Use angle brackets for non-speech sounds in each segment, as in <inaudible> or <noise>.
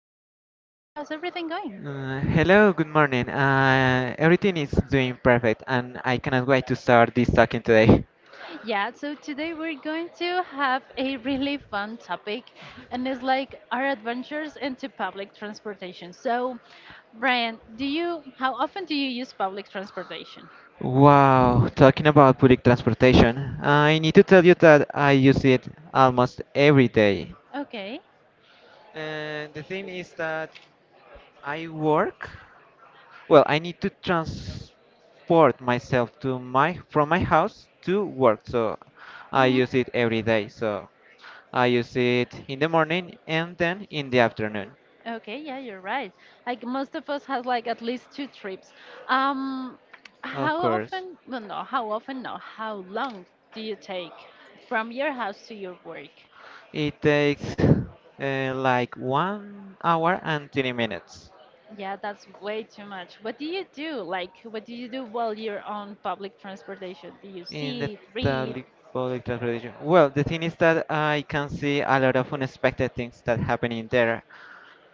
with Brian. Brian, how's everything going? Hello, good morning. Everything is doing perfect, and I cannot wait to start this talking today. Yeah, so today we're going to have a really fun topic, and it's like our adventures into public transportation. So, Brian, do you how often do you use public transportation? Wow, talking about public transportation, I need to tell you that I use it almost every day. Okay. And the thing is that I work, well, I need to transport myself to my from my house to work, so I use it every day. So I use it in the morning and then in the afternoon, Okay, yeah, you're right. Like most of us has like at least two trips. Um, of how course. often? Well, no, how often? No, how long do you take from your house to your work? It takes like 1 hour and 20 minutes Yeah, that's way too much. What do you do? Like, what do you do while you're on public transportation? Do you in the sit, read? public, public transportation. Well, the thing is that I can see a lot of unexpected things that happen in there.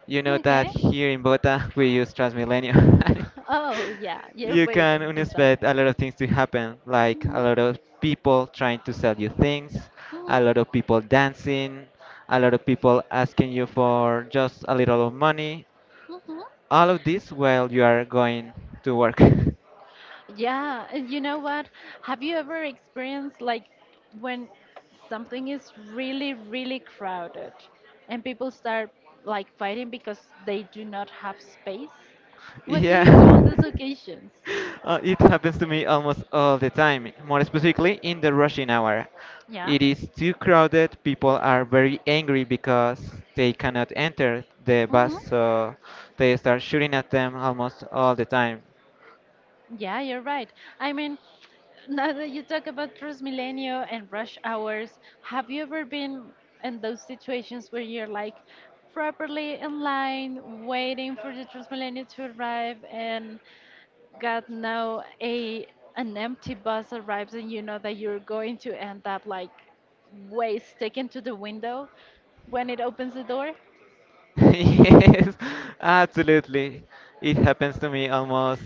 You know that Okay. <laughs> here in Bogota <laughs> we use Transmilenio. <laughs> Oh, yeah, you're You where you're can going to start. unexpect a lot of things to happen, like a Hmm. lot of people trying to sell you things, Hmm. a lot of people dancing, a lot of people asking you for just a little of money, Hmm. all of this while you are going to work. Yeah, and you know what? Have you ever experienced like when something is really, really crowded and people start like fighting because they do not have space? <laughs> What do you do on Yeah. those <laughs> occasions? It happens to me almost all the time, more specifically in the rushing hour. Yeah. It is too crowded, people are very angry because they cannot enter the bus, Mm-hmm. so they start shooting at them almost all the time. Yeah, you're right. I mean, now that you talk about Transmilenio and rush hours, have you ever been in those situations where you're like properly in line, waiting for the Transmilenio to arrive, and God, now a an empty bus arrives and you know that you're going to end up like waist sticking to the window when it opens the door. <laughs> Yes, absolutely. It happens to me almost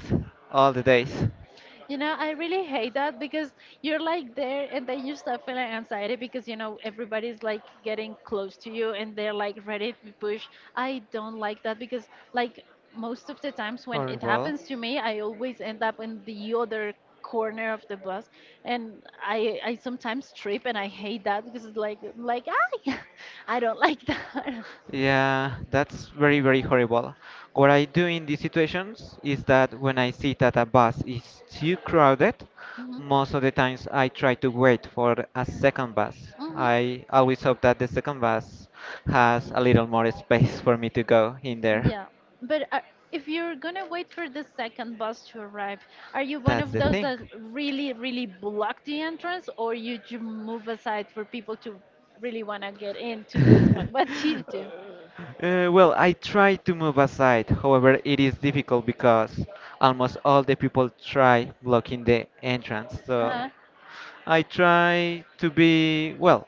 all the days. You know, I really hate that because you're like there and then you start feeling anxiety because you know everybody's like getting close to you and they're like ready to push. I don't like that because like most of the times when it Horrible. happens to me, I always end up in the other corner of the bus and I sometimes trip and I hate that because it's like ah. <laughs> I don't like that. <laughs> Yeah, that's very, very horrible. What I do in these situations is that when I see that a bus is too crowded, Mhm. most of the times I try to wait for a second bus. Mhm. I always hope that the second bus has a little more space for me to go in there. Yeah, but if you're gonna wait for the second bus to arrive, are you one That's of the those thing. that really, really block the entrance, or move aside for people to really wanna get into this one? <laughs> What do you <laughs> do? Well, I try to move aside. However, it is difficult because almost all the people try blocking the entrance. So Uh, I try to be, well,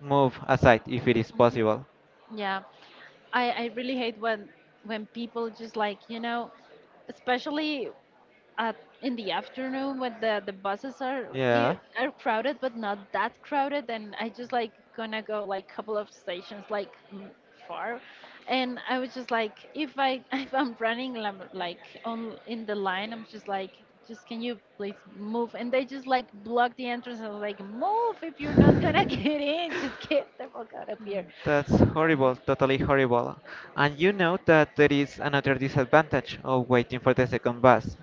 move aside if it is possible. yeah, I really hate when people just like you know, especially. Uh, in the afternoon when the buses are Yeah. i- are crowded but not that crowded and I just like gonna go like couple of stations like far and I was just like if I <laughs> if I'm like on in the line I'm just like just can you please move and they just like block the entrance and like move if you're not gonna <laughs> <laughs> get in just get the fuck out of here. That's um, horrible, totally horrible. And you know that there is another disadvantage of waiting for the second bus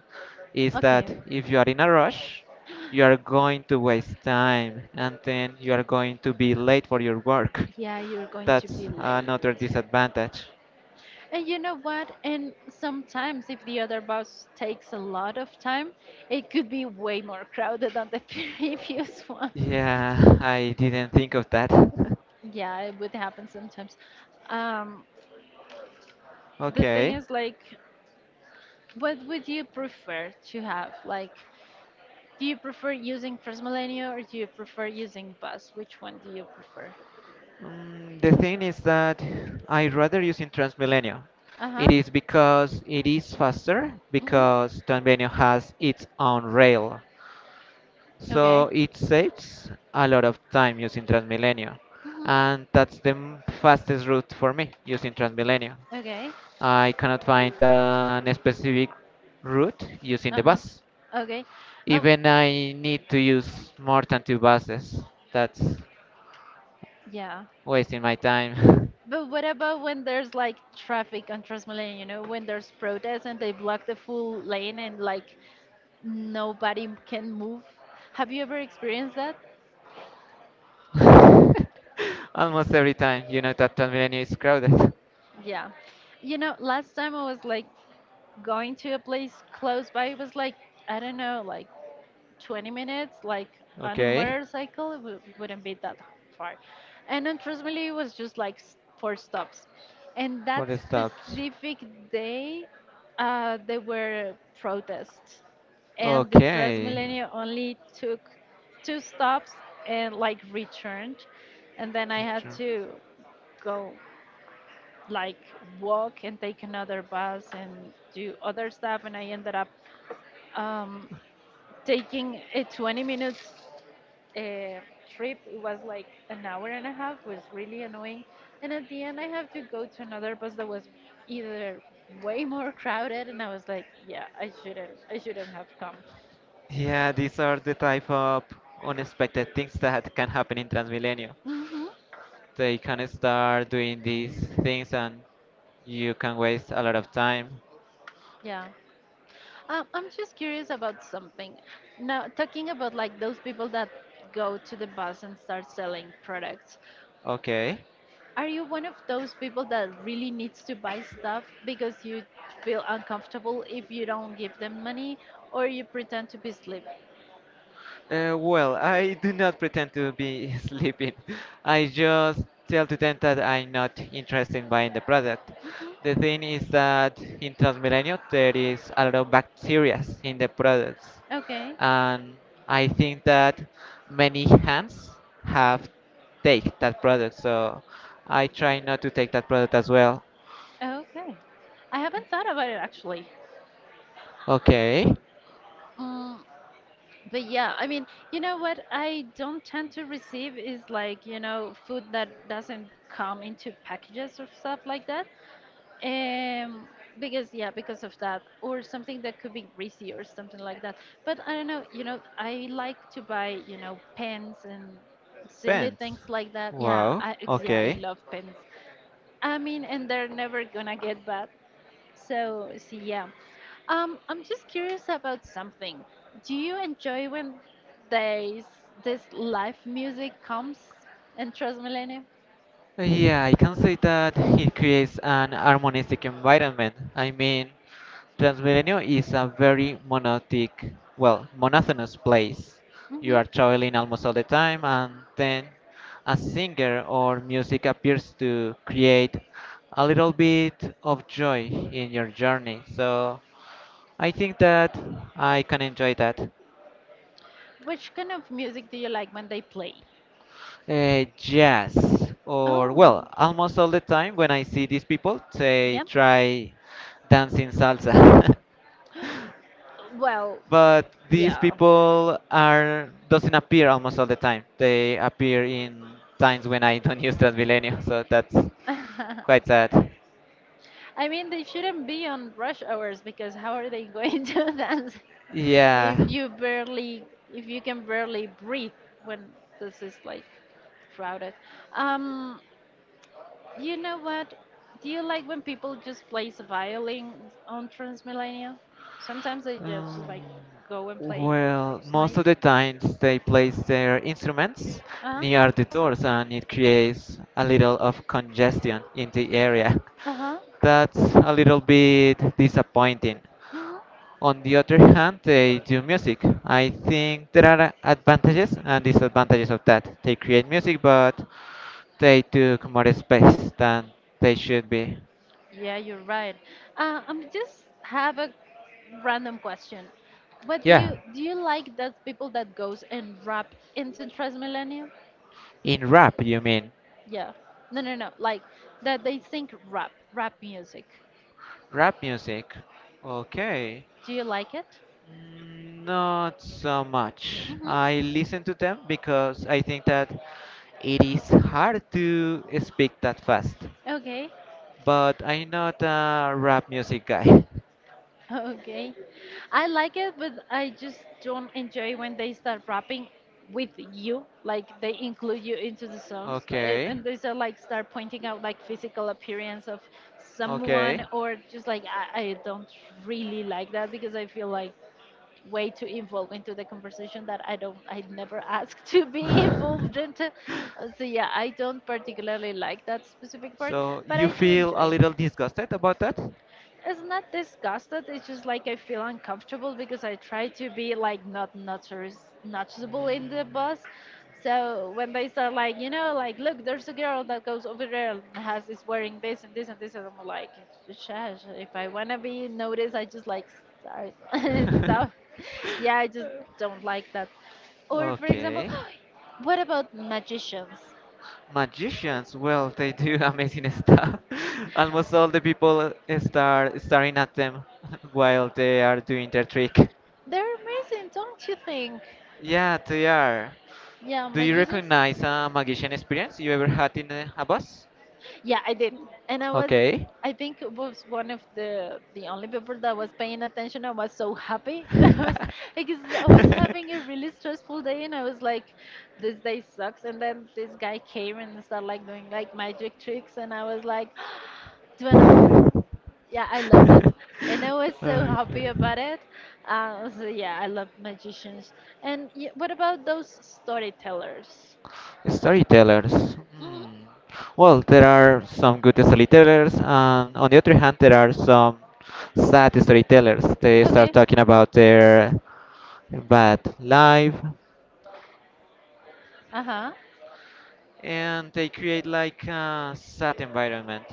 is that okay if you are in a rush, you are going to waste time and then you are going to be late for your work. yeah, you're going to That's be late. another disadvantage. And you know what? And sometimes, if the other bus takes a lot of time, it could be way more crowded than the <laughs> previous one. Yeah, I didn't think of that. <laughs> Yeah, it would happen sometimes. Um, the thing Okay. is, like, what would you prefer to have? Like, do you prefer using Transmilenio or do you prefer using bus? Which one do you prefer? The thing is that I rather using Transmilenio. Uh It huh. is because it is faster Mm-hmm. because Transmilenio has its own rail. So Okay. it saves a lot of time using Transmilenio. Mm-hmm. And that's the fastest route for me using Transmilenio. Okay. I cannot find an specific route using Uh the huh. bus. Okay. Um. Even I need to use more than two buses. That's Yeah. wasting my time. <laughs> But what about when there's like traffic on Transmilenio, you know, when there's protests and they block the full lane and like can move? Have you ever experienced that? <laughs> Almost every time, you know that Transmilenio is crowded. <laughs> Yeah. You know, last time I was like going to a place close by, it was like, I don't know, like 20 minutes, like on a Okay, motorcycle, it wouldn't be that far. And then trust it was just like four stops. And that for the stops. specific day, there were protests, and the Okay. Transmilenio only took two stops and like returned, and then I had Metro. to go like walk and take another bus and do other stuff and I ended up um, taking a 20 minutes uh, trip. It was like an hour and a half. Was really annoying. And at the end, I have to go to another bus that was either way more crowded, and I was like, yeah, I shouldn't have come. Yeah, these are the type of unexpected things that can happen in Transmilenio. Mm-hmm. They can start doing these things and you can waste a lot of time. Yeah. I'm just curious about something. Now, talking about like those people that go to the bus and start selling products, Okay. are you one of those people that really needs to buy stuff because you feel uncomfortable if you don't give them money, or you pretend to be sleep. Well, I do not pretend to be <laughs> sleeping. I just tell to them that I'm not interested in buying the product. Mhm. The thing is that in Transmilenio there is a lot of bacteria in the products, Okay. and I think that many hands have take that product, so I try not to take that product as well. Okay. I haven't thought about it actually. Okay, Mm, but yeah, I mean, you know what I don't tend to receive is like, you know, food that doesn't come into packages or stuff like that. Um, because yeah, because of that, or something that could be greasy or something like that. But I don't know, you know, I like to buy, you know, pens and silly pants. things like that. Yeah, Wow. Yeah, I Okay. love pens. I mean, and they're never gonna get bad. So, so yeah. I'm just curious about something. Do you enjoy when there's this live music comes and Transmilenio? Yeah, I can say that it creates an harmonistic environment. I mean, Transmilenio is a very monotonic, well, monotonous place. Mm-hmm. You are traveling almost all the time, and then a singer or music appears to create a little bit of joy in your journey. So I think that I can enjoy that. Which kind of music do you like when they play? Yes, or Oh, well, almost all the time when I see these people, they yeah. try dancing salsa. Well, <laughs> But these yeah. people are doesn't appear almost all the time. They appear in times when I don't <laughs> use Transmilenio, so that's <laughs> I quite sad. mean, they shouldn't be on rush hours because how are they going <laughs> to dance Yeah. if you barely, if you can barely breathe when this is like crowded? Um, You know what? Do you like when people just plays the violin on Transmillennial? Sometimes they just Um, like go and play. well, It's most of nice. the times they place their instruments Uh huh. near the doors and it creates a little of congestion in the area. Uh <laughs> huh. That's a little bit disappointing. Uh-huh. On the other hand, they do music. I think there are advantages and disadvantages of that. They create music, but they took more space than they should be. Yeah, you're right. I'm just have a random question. What do Yeah, you like that people that goes and rap into Transmillennial? in rap, you mean? Yeah. No, no, no. Like that they think rap music. Rap music. Okay. Do you like it? Not so much. Mm-hmm. I listen to them because I think that it is hard to speak that fast. Okay. But I'm not a rap music guy. <laughs> Okay. I like it, but I just don't enjoy when they start rapping with you, like they include you into the songs, Okay, and they start start pointing out like physical appearance of someone, okay. or just like I don't really like that because I feel like way too involved into the conversation that I never ask <laughs> to be involved <laughs> into. So yeah, I don't particularly like that specific part, So but you I do feel a enjoy. little disgusted about that? It's not disgusted. It's just like I feel uncomfortable because I try to be like not notice- noticeable in the bus. So when they start like you know like look there's a girl that goes over there and has is wearing this and this and this and I'm like shush if I wanna be noticed I just like start <laughs> stuff. <laughs> Yeah, I just don't like that. Or for example, Okay. <gasps> what about magicians? Magicians, well, they do <laughs> amazing stuff. <laughs> Almost all the people start staring at them <laughs> while they are doing their trick. They're amazing, don't you think? Yeah, they are. Yeah, Do you magicians. recognize a magician experience you ever had in a bus? Yeah, I did. And I was Okay. I think it was one of the only people that was paying attention. I was so happy. <laughs> I was <laughs> because I was having a really stressful day and I was like, this day sucks. And then this guy came and started like doing like magic tricks and I was like, <gasps> do another more. Yeah, I loved it. And I was so happy Okay. about it. So yeah, I love magicians. And y what about those storytellers? Storytellers. Hmm. Hmm. Well, there are some good storytellers, and on the other hand, there are some sad storytellers. They start Okay. talking about their bad life, Uh-huh. and they create like a sad environment.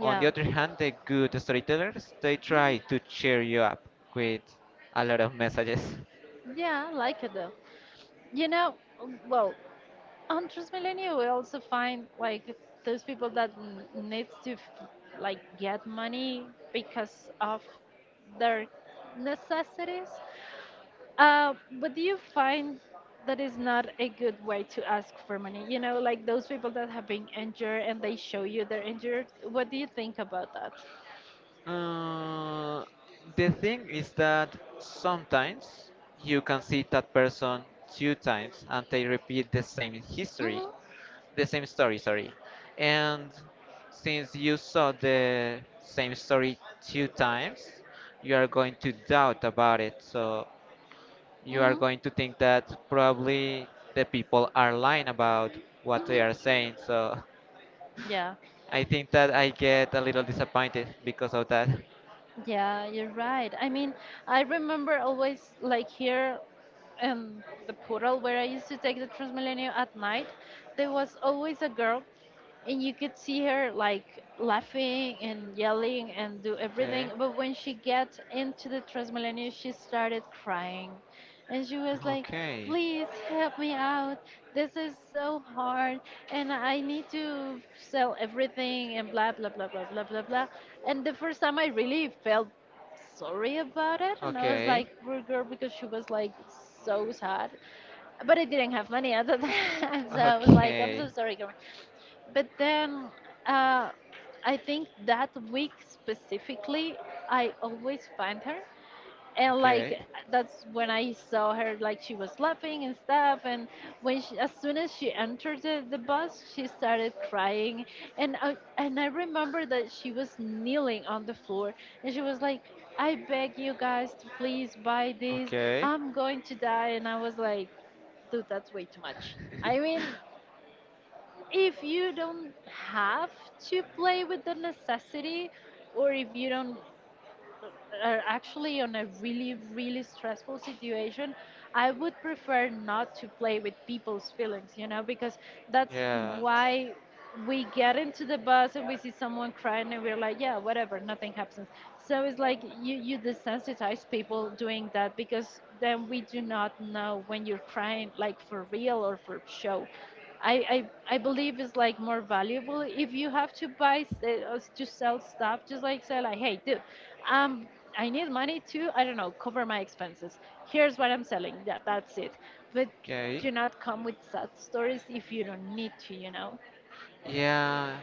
On the Yeah. other hand, the good storytellers they try to Mm-hmm. cheer you up with a lot of messages. Yeah, I like it though. You know, well, on Transmilenio we also find like those people that needs to like get money because of their necessities. Uh, but do you find that is not a good way to ask for money? You know, like those people that have been injured and they show you they're injured. What do you think about that? Uh, the thing is that sometimes you can see that person two times and they repeat the same history, Mhm. the same story, sorry. And since you saw the same story two times, you are going to doubt about it. So you are Mhm. going to think that probably the people are lying about what they Mhm. are saying. So Yeah. <laughs> I think that I get a little disappointed because of that. Yeah, you're right. I mean, I remember always like here in the portal where I used to take the Transmilenio at night. There was always a girl and you could see her like laughing and yelling and do Okay. everything, but when she got into the Transmilenio, she started crying and she was like, Okay. "Please help me out. This is so hard, and I need to sell everything, and blah blah blah blah blah blah blah." And the first time I really felt sorry about it, and I was Okay. like, "Poor girl," because she was like so sad. But I didn't have money <laughs> at the time, <laughs> so I was like, "I'm Okay. so sorry, girl." But then uh, I think that week specifically I always find her, and like Okay. that's when I saw her like she was laughing and stuff. And as soon as she entered the bus, she started crying, and I remember that she was kneeling on the floor. And she was like, "I beg you guys to please buy this. Okay. I'm going to die." And I was like, "Dude, that's way too much." I <laughs> mean, if you don't have to play with the necessity, or if you don't are actually on a really, really stressful situation, I would prefer not to play with people's feelings, you know, because that's Yeah. why we get into the bus and we see someone crying and we're like, yeah, whatever, nothing happens. So it's like you desensitize people doing that, because then we do not know when you're crying like for real or for show. I, I believe it's like more valuable if you have to to sell stuff. Just like say like, "Hey, dude, um I need money to, I don't know, cover my expenses. Here's what I'm selling. Yeah, that's it." But do Okay. not come with sad stories if you don't need to. Yeah.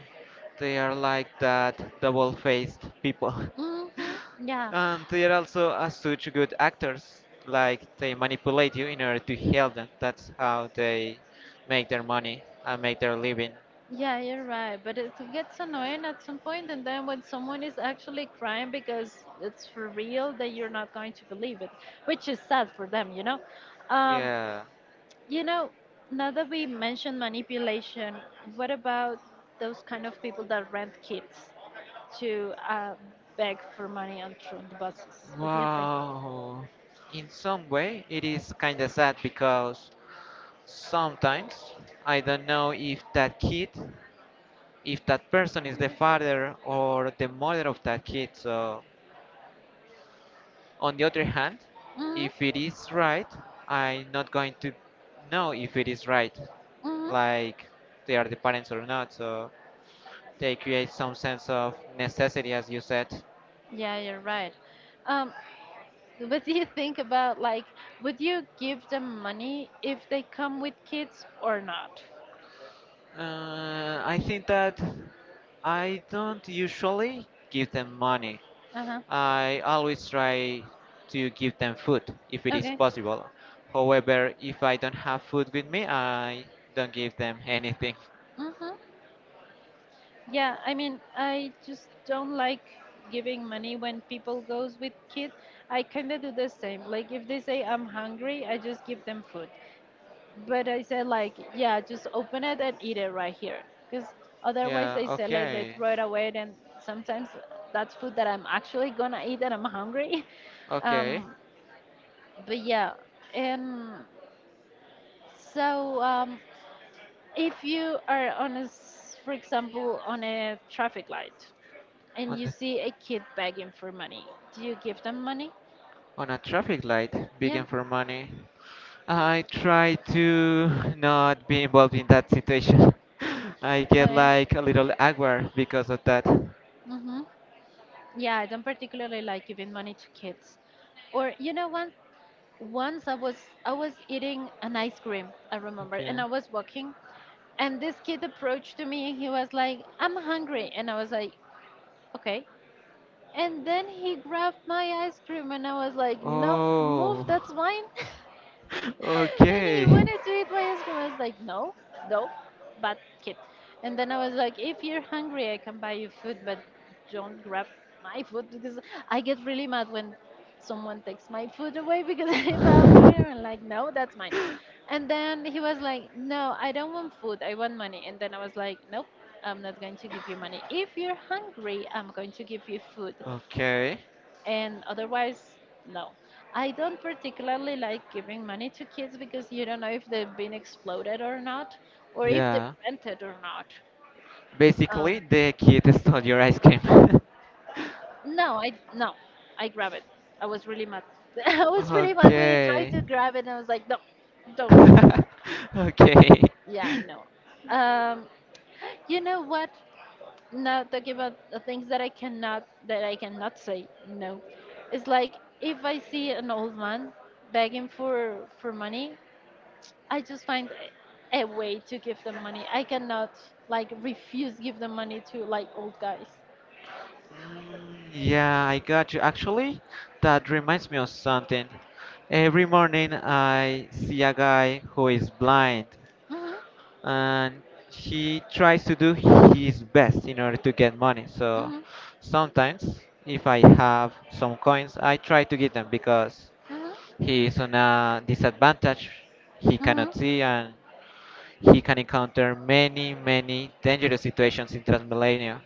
They are like that double faced people. <laughs> Hmm. Yeah, And they are also as such good actors, like they manipulate you in order to help them. That's how they make their money and make their living. yeah, you're right. But it gets annoying at some point, and then when someone is actually crying because it's for real, that you're not going to believe it, which is sad for them, you know. Um, Yeah. you know, Now that we mentioned manipulation, what about those kind of people that rent kids to beg for money on the buses? What do you think? Wow. In some way, it is kind of sad because sometimes I don't know if that person is the father or the mother of that kid. So. On the other hand, Mm-hmm. if it is right, I'm not going to know if it is right, like they are the parents or not. So they create some sense of necessity, as you said. Yeah, you're right. Um. <laughs> What do you think about like would you give them money if they come with kids or not? I think that I don't usually give them money. Uh-huh. I always try to give them food if it is Okay. possible. However, if I don't have food with me, I don't give them anything. Mm-hmm. Yeah, I mean, I just don't like giving money when people goes with kids. I kind of do the same. Like if they say, "I'm hungry," I just give them food. But I said like, yeah, just open it and eat it right here, because otherwise Yeah, they say like they okay. throw it away, and sometimes that's food that I'm actually gonna eat and I'm hungry. <laughs> Okay. Um, But yeah, and so if you are on for example, on a traffic light and on you the, see a kid begging for money, do you give them money? on a traffic light Yeah. begging for money. I try to not be involved in that situation. <laughs> I get Okay. like a little awkward because of that. Mm-hmm. Yeah, I don't particularly like giving money to kids. Or you know what? Once I was eating an ice cream, I remember, and Okay. I was walking, and this kid approached to me and he was like, "I'm hungry," and I was like, "Okay." And then he grabbed my ice cream, and I was like, "No, move, Oh. <laughs> that's mine." <laughs> And he Okay. wanted to eat my ice cream. I was like, "No, no, bad kid." And then I was like, "If you're hungry, I can buy you food, but don't grab my food, because I get really mad when someone takes my food away, because <laughs> if I'm hungry, I'm like, no, that's mine." And then he was like, "No, I don't want food, I want money." And then I was like, "Nope, I'm not going to give you money. If you're hungry, I'm going to give you food, Okay. and otherwise no." I don't particularly like giving money to kids because you don't know if they've been exploded or not, or if they Yeah. rent it or not. Basically, um the kid stole your ice cream. <laughs> no, I grab it. I was really mad. <laughs> I was really mad when he tried Okay. to grab it, and I was like, "No, don't." <laughs> Okay. Yeah, <laughs> no. um you know what, now talking about the things that I cannot say no. It's like if I see an old man begging for money, I just find a way to give them money. I cannot like refuse give them money to like old guys. Yeah, I got you. Actually, that reminds me of something. Every morning I see a guy who is blind Mhm. and he tries to do his best in order to get money. So Mhm. sometimes if I have some coins, I try to give them because Mhm. he is on a disadvantage. He cannot Mhm. see and he can encounter many, many dangerous situations in Transmilenio.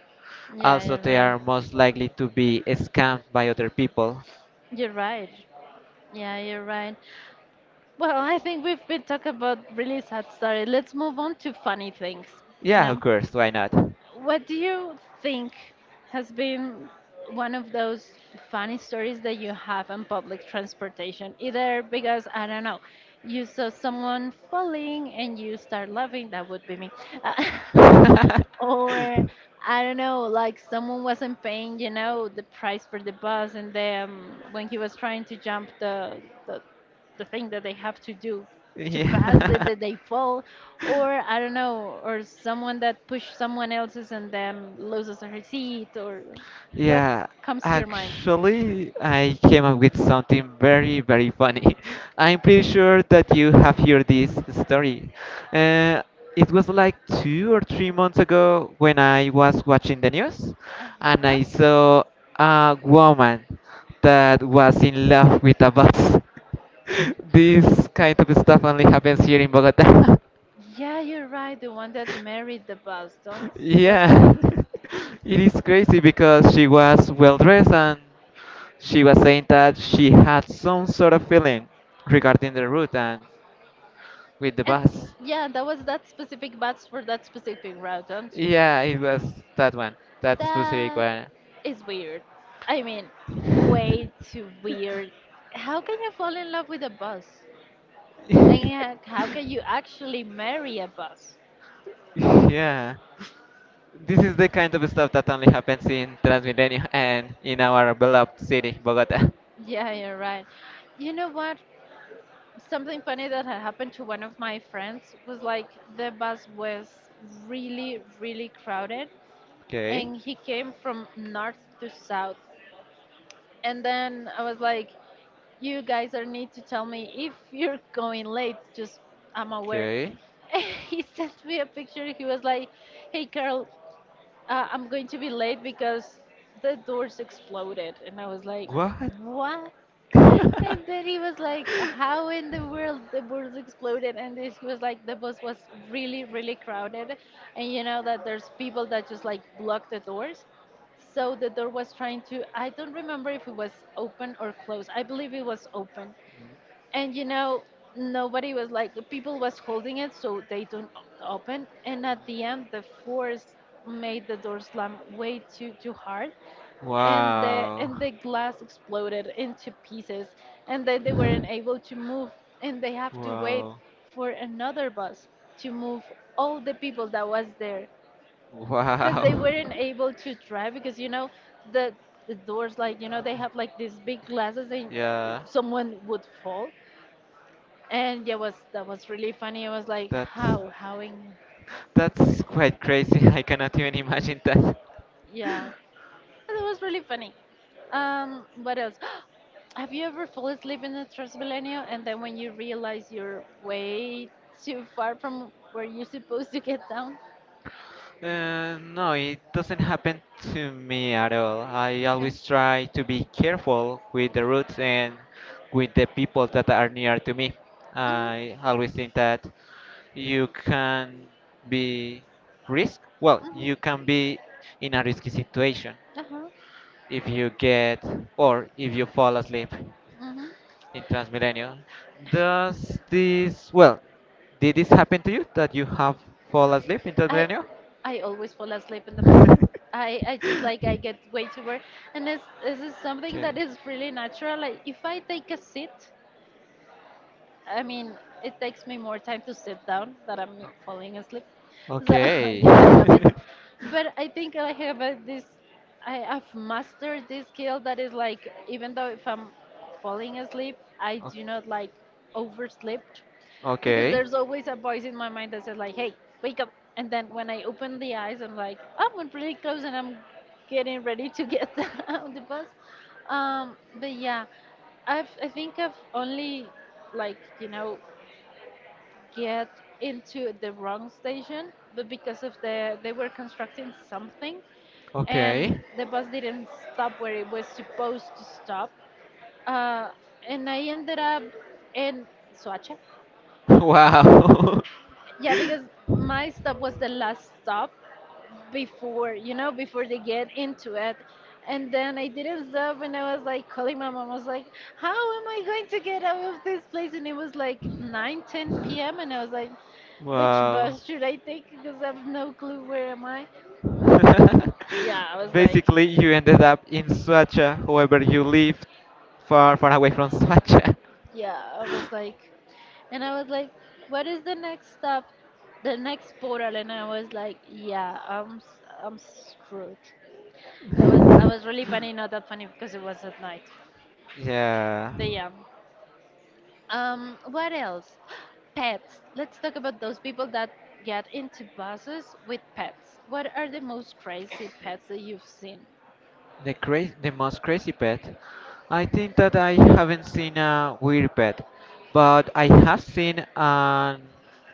Yeah, Also, you're they right. are most likely to be scammed by other people. You're right. Yeah, you're right. Well, I think we've been talking about really sad story. Let's move on to funny things, you Yeah, of know? course, why not? What do you think has been one of those funny stories that you have on public transportation? Either because, I don't know, you saw someone falling and you start laughing, that would be me. <laughs> <laughs> Or I don't know, like someone wasn't paying, you know, the price for the bus, and then when he was trying to jump the thing that they have to do to pass it, Yeah. that they fall, <laughs> or I don't know, or someone that pushed someone else's and then loses her seat, or what Yeah, comes to your mind? actually, I came up with something very, very funny. <laughs> I'm pretty sure that you have heard this story. Uh, it was like 2 or 3 months ago when I was watching the news Uh and huh. I saw a woman that was in love with a bus. <laughs> This kind of stuff only happens here in Bogota. Yeah, you're right. The one that <laughs> married the bus, don't wasn't Yeah, it? <laughs> it is crazy because she was well dressed and she was saying that she had some sort of feeling regarding the route and with the And bus. yeah, that was that specific bus for that specific route, don't you? Yeah, it was that one, that specific That one. is weird. I mean, way <laughs> too weird. How can you fall in love with a bus? And how can you actually marry a bus? Yeah, this is the kind of stuff that only happens in Transmilenio and in our beloved city, Bogota. Yeah, you're right. You know what? Something funny that had happened to one of my friends was like the bus was really, really crowded Okay, and he came from north to south. And then I was like, "You guys are need to tell me if you're going late just I'm aware." okay. <laughs> He sent me a picture. He was like, "Hey, Carl, I'm going to be late because the doors exploded," and I was like, What? "What?" And then he was like, how in the world the doors exploded, and this, he was like, the bus was really really crowded, and you know that there's people that just like block the doors, so the door was trying to, I don't remember if it was open or closed, I believe it was open, and you know nobody was like, people was holding it so they don't open, and at the end the force made the door slam way too hard, and the Wow, and the glass exploded into pieces, and then they weren't able to move, and they have to wait wow. for another bus to move all the people that was there, because they Wow. weren't <laughs> able to drive because you know the the doors, like, you know, they have like these big glasses, and Yeah, someone would fall, and yeah, was that, was really funny. I was like, that's how in word? that's quite crazy. <laughs> I cannot even imagine that. Yeah, that was really funny. What else? <gasps> Have you ever fallen asleep in the Transmilenio and then when you realize you're way too far from where you're supposed to get down? No, it doesn't happen to me at all. I Okay. always try to be careful with the routes and with the people that are near to me. Mhm. I always think that you can be risk. Well, Mhm. you can be in a risky situation Uh-huh. if you get if you fall asleep. Mhm. In Transmilenio. Does this, well, did this happen to you that you have fall asleep in I Transmilenio? I always fall asleep in the buses. I <laughs> just like I get way too worried, and this is something Okay. that is really natural. Like if I take a seat, I mean, it takes me more time to sit down that I'm falling asleep. So <laughs> Okay. yeah, I love it. <laughs> But I think I have this. I have mastered this skill that is like, even though if I'm falling asleep, I O- do not like oversleep, because Okay. there's always a voice in my mind that says like, "Hey, wake up!" And then when I open the eyes, I'm like, "Oh, I'm pretty close, and I'm getting ready to get <laughs> on the bus." But yeah, I think I've only like, get into the wrong station, but because of the they were constructing something, and Okay. the bus didn't stop where it was supposed to stop, uh, and I ended up in Soacha. <laughs> Wow. <laughs> Yeah, because my stop was the last stop before they get into it. And then I didn't stop and I was like calling my mom. I was like, "How am I going to get out of this place?" And it was like 9:10 p.m. And I was like, "Which Wow. bus should I take? Because I have no clue where am I." <laughs> Yeah, I was like, Basically, you ended up in Suacha, however, you lived far, far away from Suacha. yeah, I was like, and I was like, what is the next stop? The next portal. And I was like, yeah, I'm screwed. That was really funny. <laughs> Not that funny because it was at night. Yeah. But yeah. What else? <gasps> Pets. Let's talk about those people that get into buses with pets. What are the most crazy pets that you've seen? The most crazy pet. I think that I haven't seen a weird pet, but I have seen an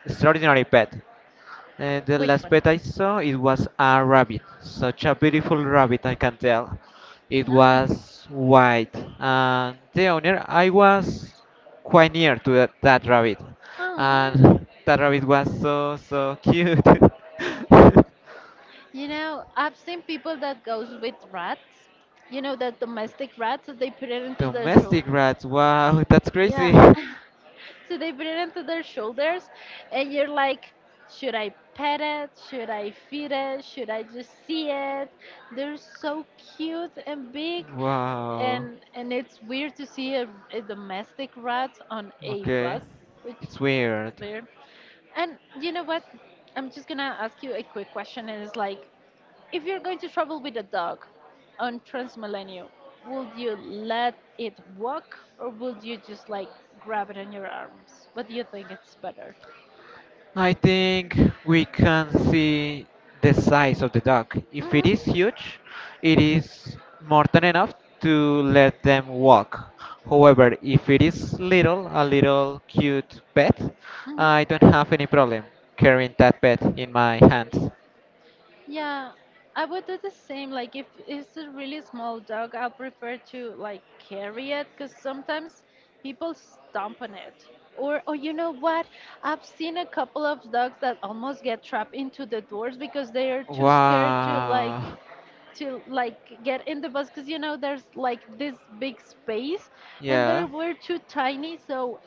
extraordinary pet. The Which last one? pet I saw it was a rabbit, such a beautiful rabbit I can tell. It Nice. was white, and the owner I was quite near to that rabbit, Oh, and that rabbit was so so cute. <laughs> you know, I've seen people that goes with rats. You know, the domestic rats that they put it into the shoe. Domestic rats, wow, that's crazy. Yeah. <laughs> <laughs> So they put it into their shoulders, and you're like, "Should I pet it? Should I feed it? Should I just see it?" They're so cute and big, Wow. and it's weird to see a domestic rat on a Okay. bus, which It's is weird. weird. And you know what, I'm just gonna ask you a quick question, and it's like, if you're going to travel with a dog on Transmilenio, would you let it walk, or would you just like grab it in your arms? What do you think it's better? I think we can see the size of the dog. If it Mhm, is huge, it is more than enough to let them walk. However, if it is little, a little cute pet, mhm. I don't have any problem carrying that pet in my hands. Yeah, I would do the same. Like if it's a really small dog, I'll prefer to like carry it, because sometimes people stomp on it. Or, oh, you know what? I've seen a couple of dogs that almost get trapped into the doors because they are too scared to like Wow. Get in the bus because you know there's like this big space, and they Yeah. were too tiny, so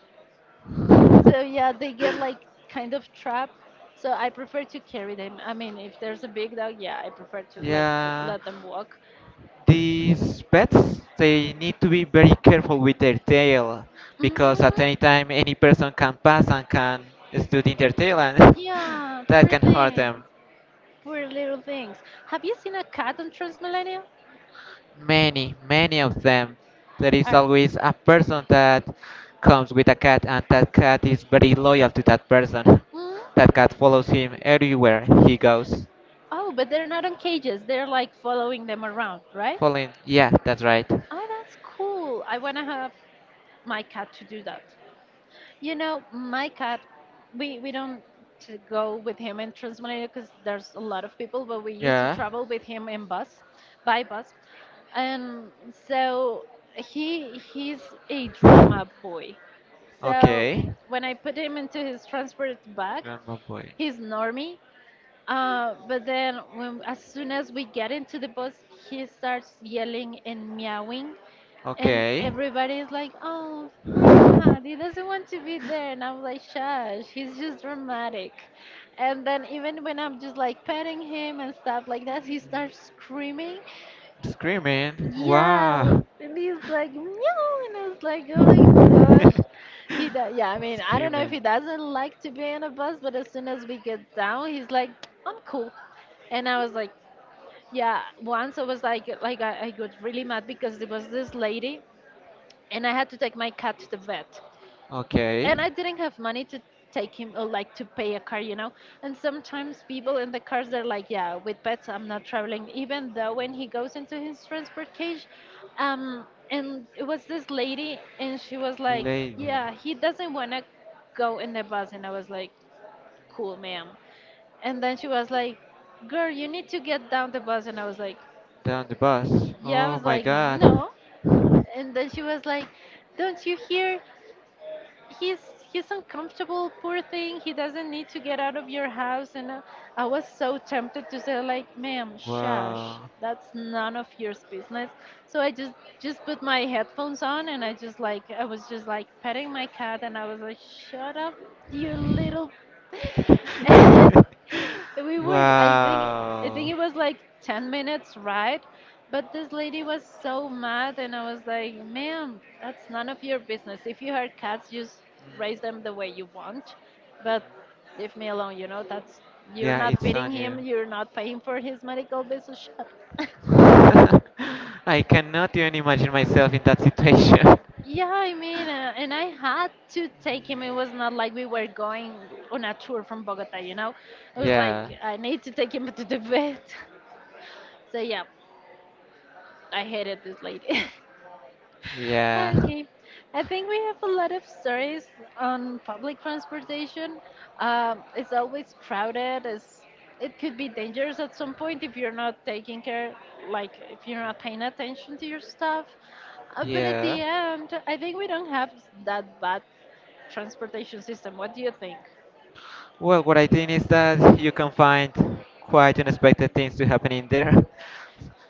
yeah, they get like kind of trapped. So I prefer to carry them. I mean, if there's a big dog, yeah, I prefer to like Yeah. let them walk. These pets, they need to be very careful with their tail because at any Mm-hmm. time any person can pass and can stood in their tail and Yeah, <laughs> that poor can hurt things, them. poor little things. Have you seen a cat on Transmillennium? Many, many of them. There is Are always a person that comes with a cat and that cat is very loyal to that person. mm? <laughs> That cat follows him everywhere he goes. Oh, but they're not on cages. They're like following them around, right? Following, yeah, that's right. Oh, that's cool. I wanna have my cat to do that. You know, my cat, we don't go with him in Transmilenio because there's a lot of people, but we used to Yeah, travel with him in bus, by bus. And so he he's a drama boy. So okay. when I put him into his transport bag, Grandma boy. he's normie. But as soon as we get into the bus, he starts yelling and meowing, and Okay. everybody's like, "Oh, poor cat, he doesn't want to be there." And I'm like, "Shush, he's just dramatic." And then even when I'm just like petting him and stuff like that, he starts screaming. Screaming. Yeah. Wow. And he's like, meow. And I was like, oh my <laughs> gosh. Yeah, I mean, I don't know if Screaming. he doesn't like to be in a bus, but as soon as we get down, he's like, "I'm cool." And I was like, yeah, once I was like, like I got really mad because there was this lady and I had to take my cat to the vet. Okay. And I didn't have money to take him or like to pay a car, you know. And sometimes people in the cars they're like, "Yeah, with pets I'm not traveling," even though when he goes into his transport cage. And it was this lady, and she was like, Lady. "Yeah, he doesn't want to go in the bus," and I was like, "Cool, ma'am." And then she was like, "Girl, you need to get down the bus," and I was like, Down the bus. "Yeah," I Oh was my like, god. "No." And then she was like, "Don't you hear? he's he's uncomfortable, poor thing, he doesn't need to get out of your house." And I was so tempted to say like, "Ma'am, shush, Wow. that's none of your business." So I just put my headphones on and I just like I was just like petting my cat and I was like, "Shut up, you little." <laughs> <laughs> And we were, I think, I Wow. think it was like 10 minutes ride, but this lady was so mad, and I was like, "Ma'am, that's none of your business. If you have cats, just raise them the way you want, but leave me alone. You know, that's, you're Yeah, not it's feeding on you. him, you're not paying for his medical bills, so shut up." <laughs> <laughs> I cannot even imagine myself in that situation. <laughs> Yeah, I mean, and I had to take him. It was not like we were going on a tour from Bogota, you know? I was like, Yeah. I need to take him to the vet. <laughs> So, yeah, I hated this lady. <laughs> Yeah. Okay. I think we have a lot of stories on public transportation. It's always crowded. It could be dangerous at some point if you're not taking care, like if you're not paying attention to your stuff. But at the Yeah. end, I think we don't have that bad transportation system. What do you think? Well, what I think is that you can find quite unexpected things to happen in there. <laughs>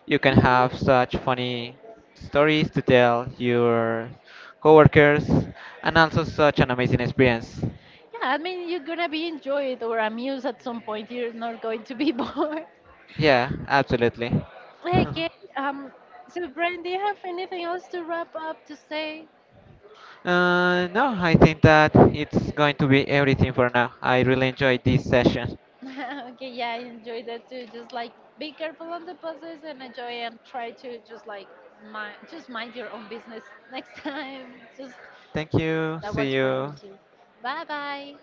You can hmm have such funny stories to tell your coworkers and also such an amazing experience. Yeah, I mean, you're gonna be enjoyed or amused at some point. You're not going to be <laughs> bored. Yeah, absolutely. <laughs> Okay. Um. So, Brian, do you have anything else to wrap up to say? No, I think that it's going to be everything for now. I really enjoyed this session. <laughs> Okay. Yeah, I enjoyed that too. Just like be careful on the buses and enjoy and try to just like just mind your own business <laughs> next time. Just Thank you. that See was for you you. too. Bye bye.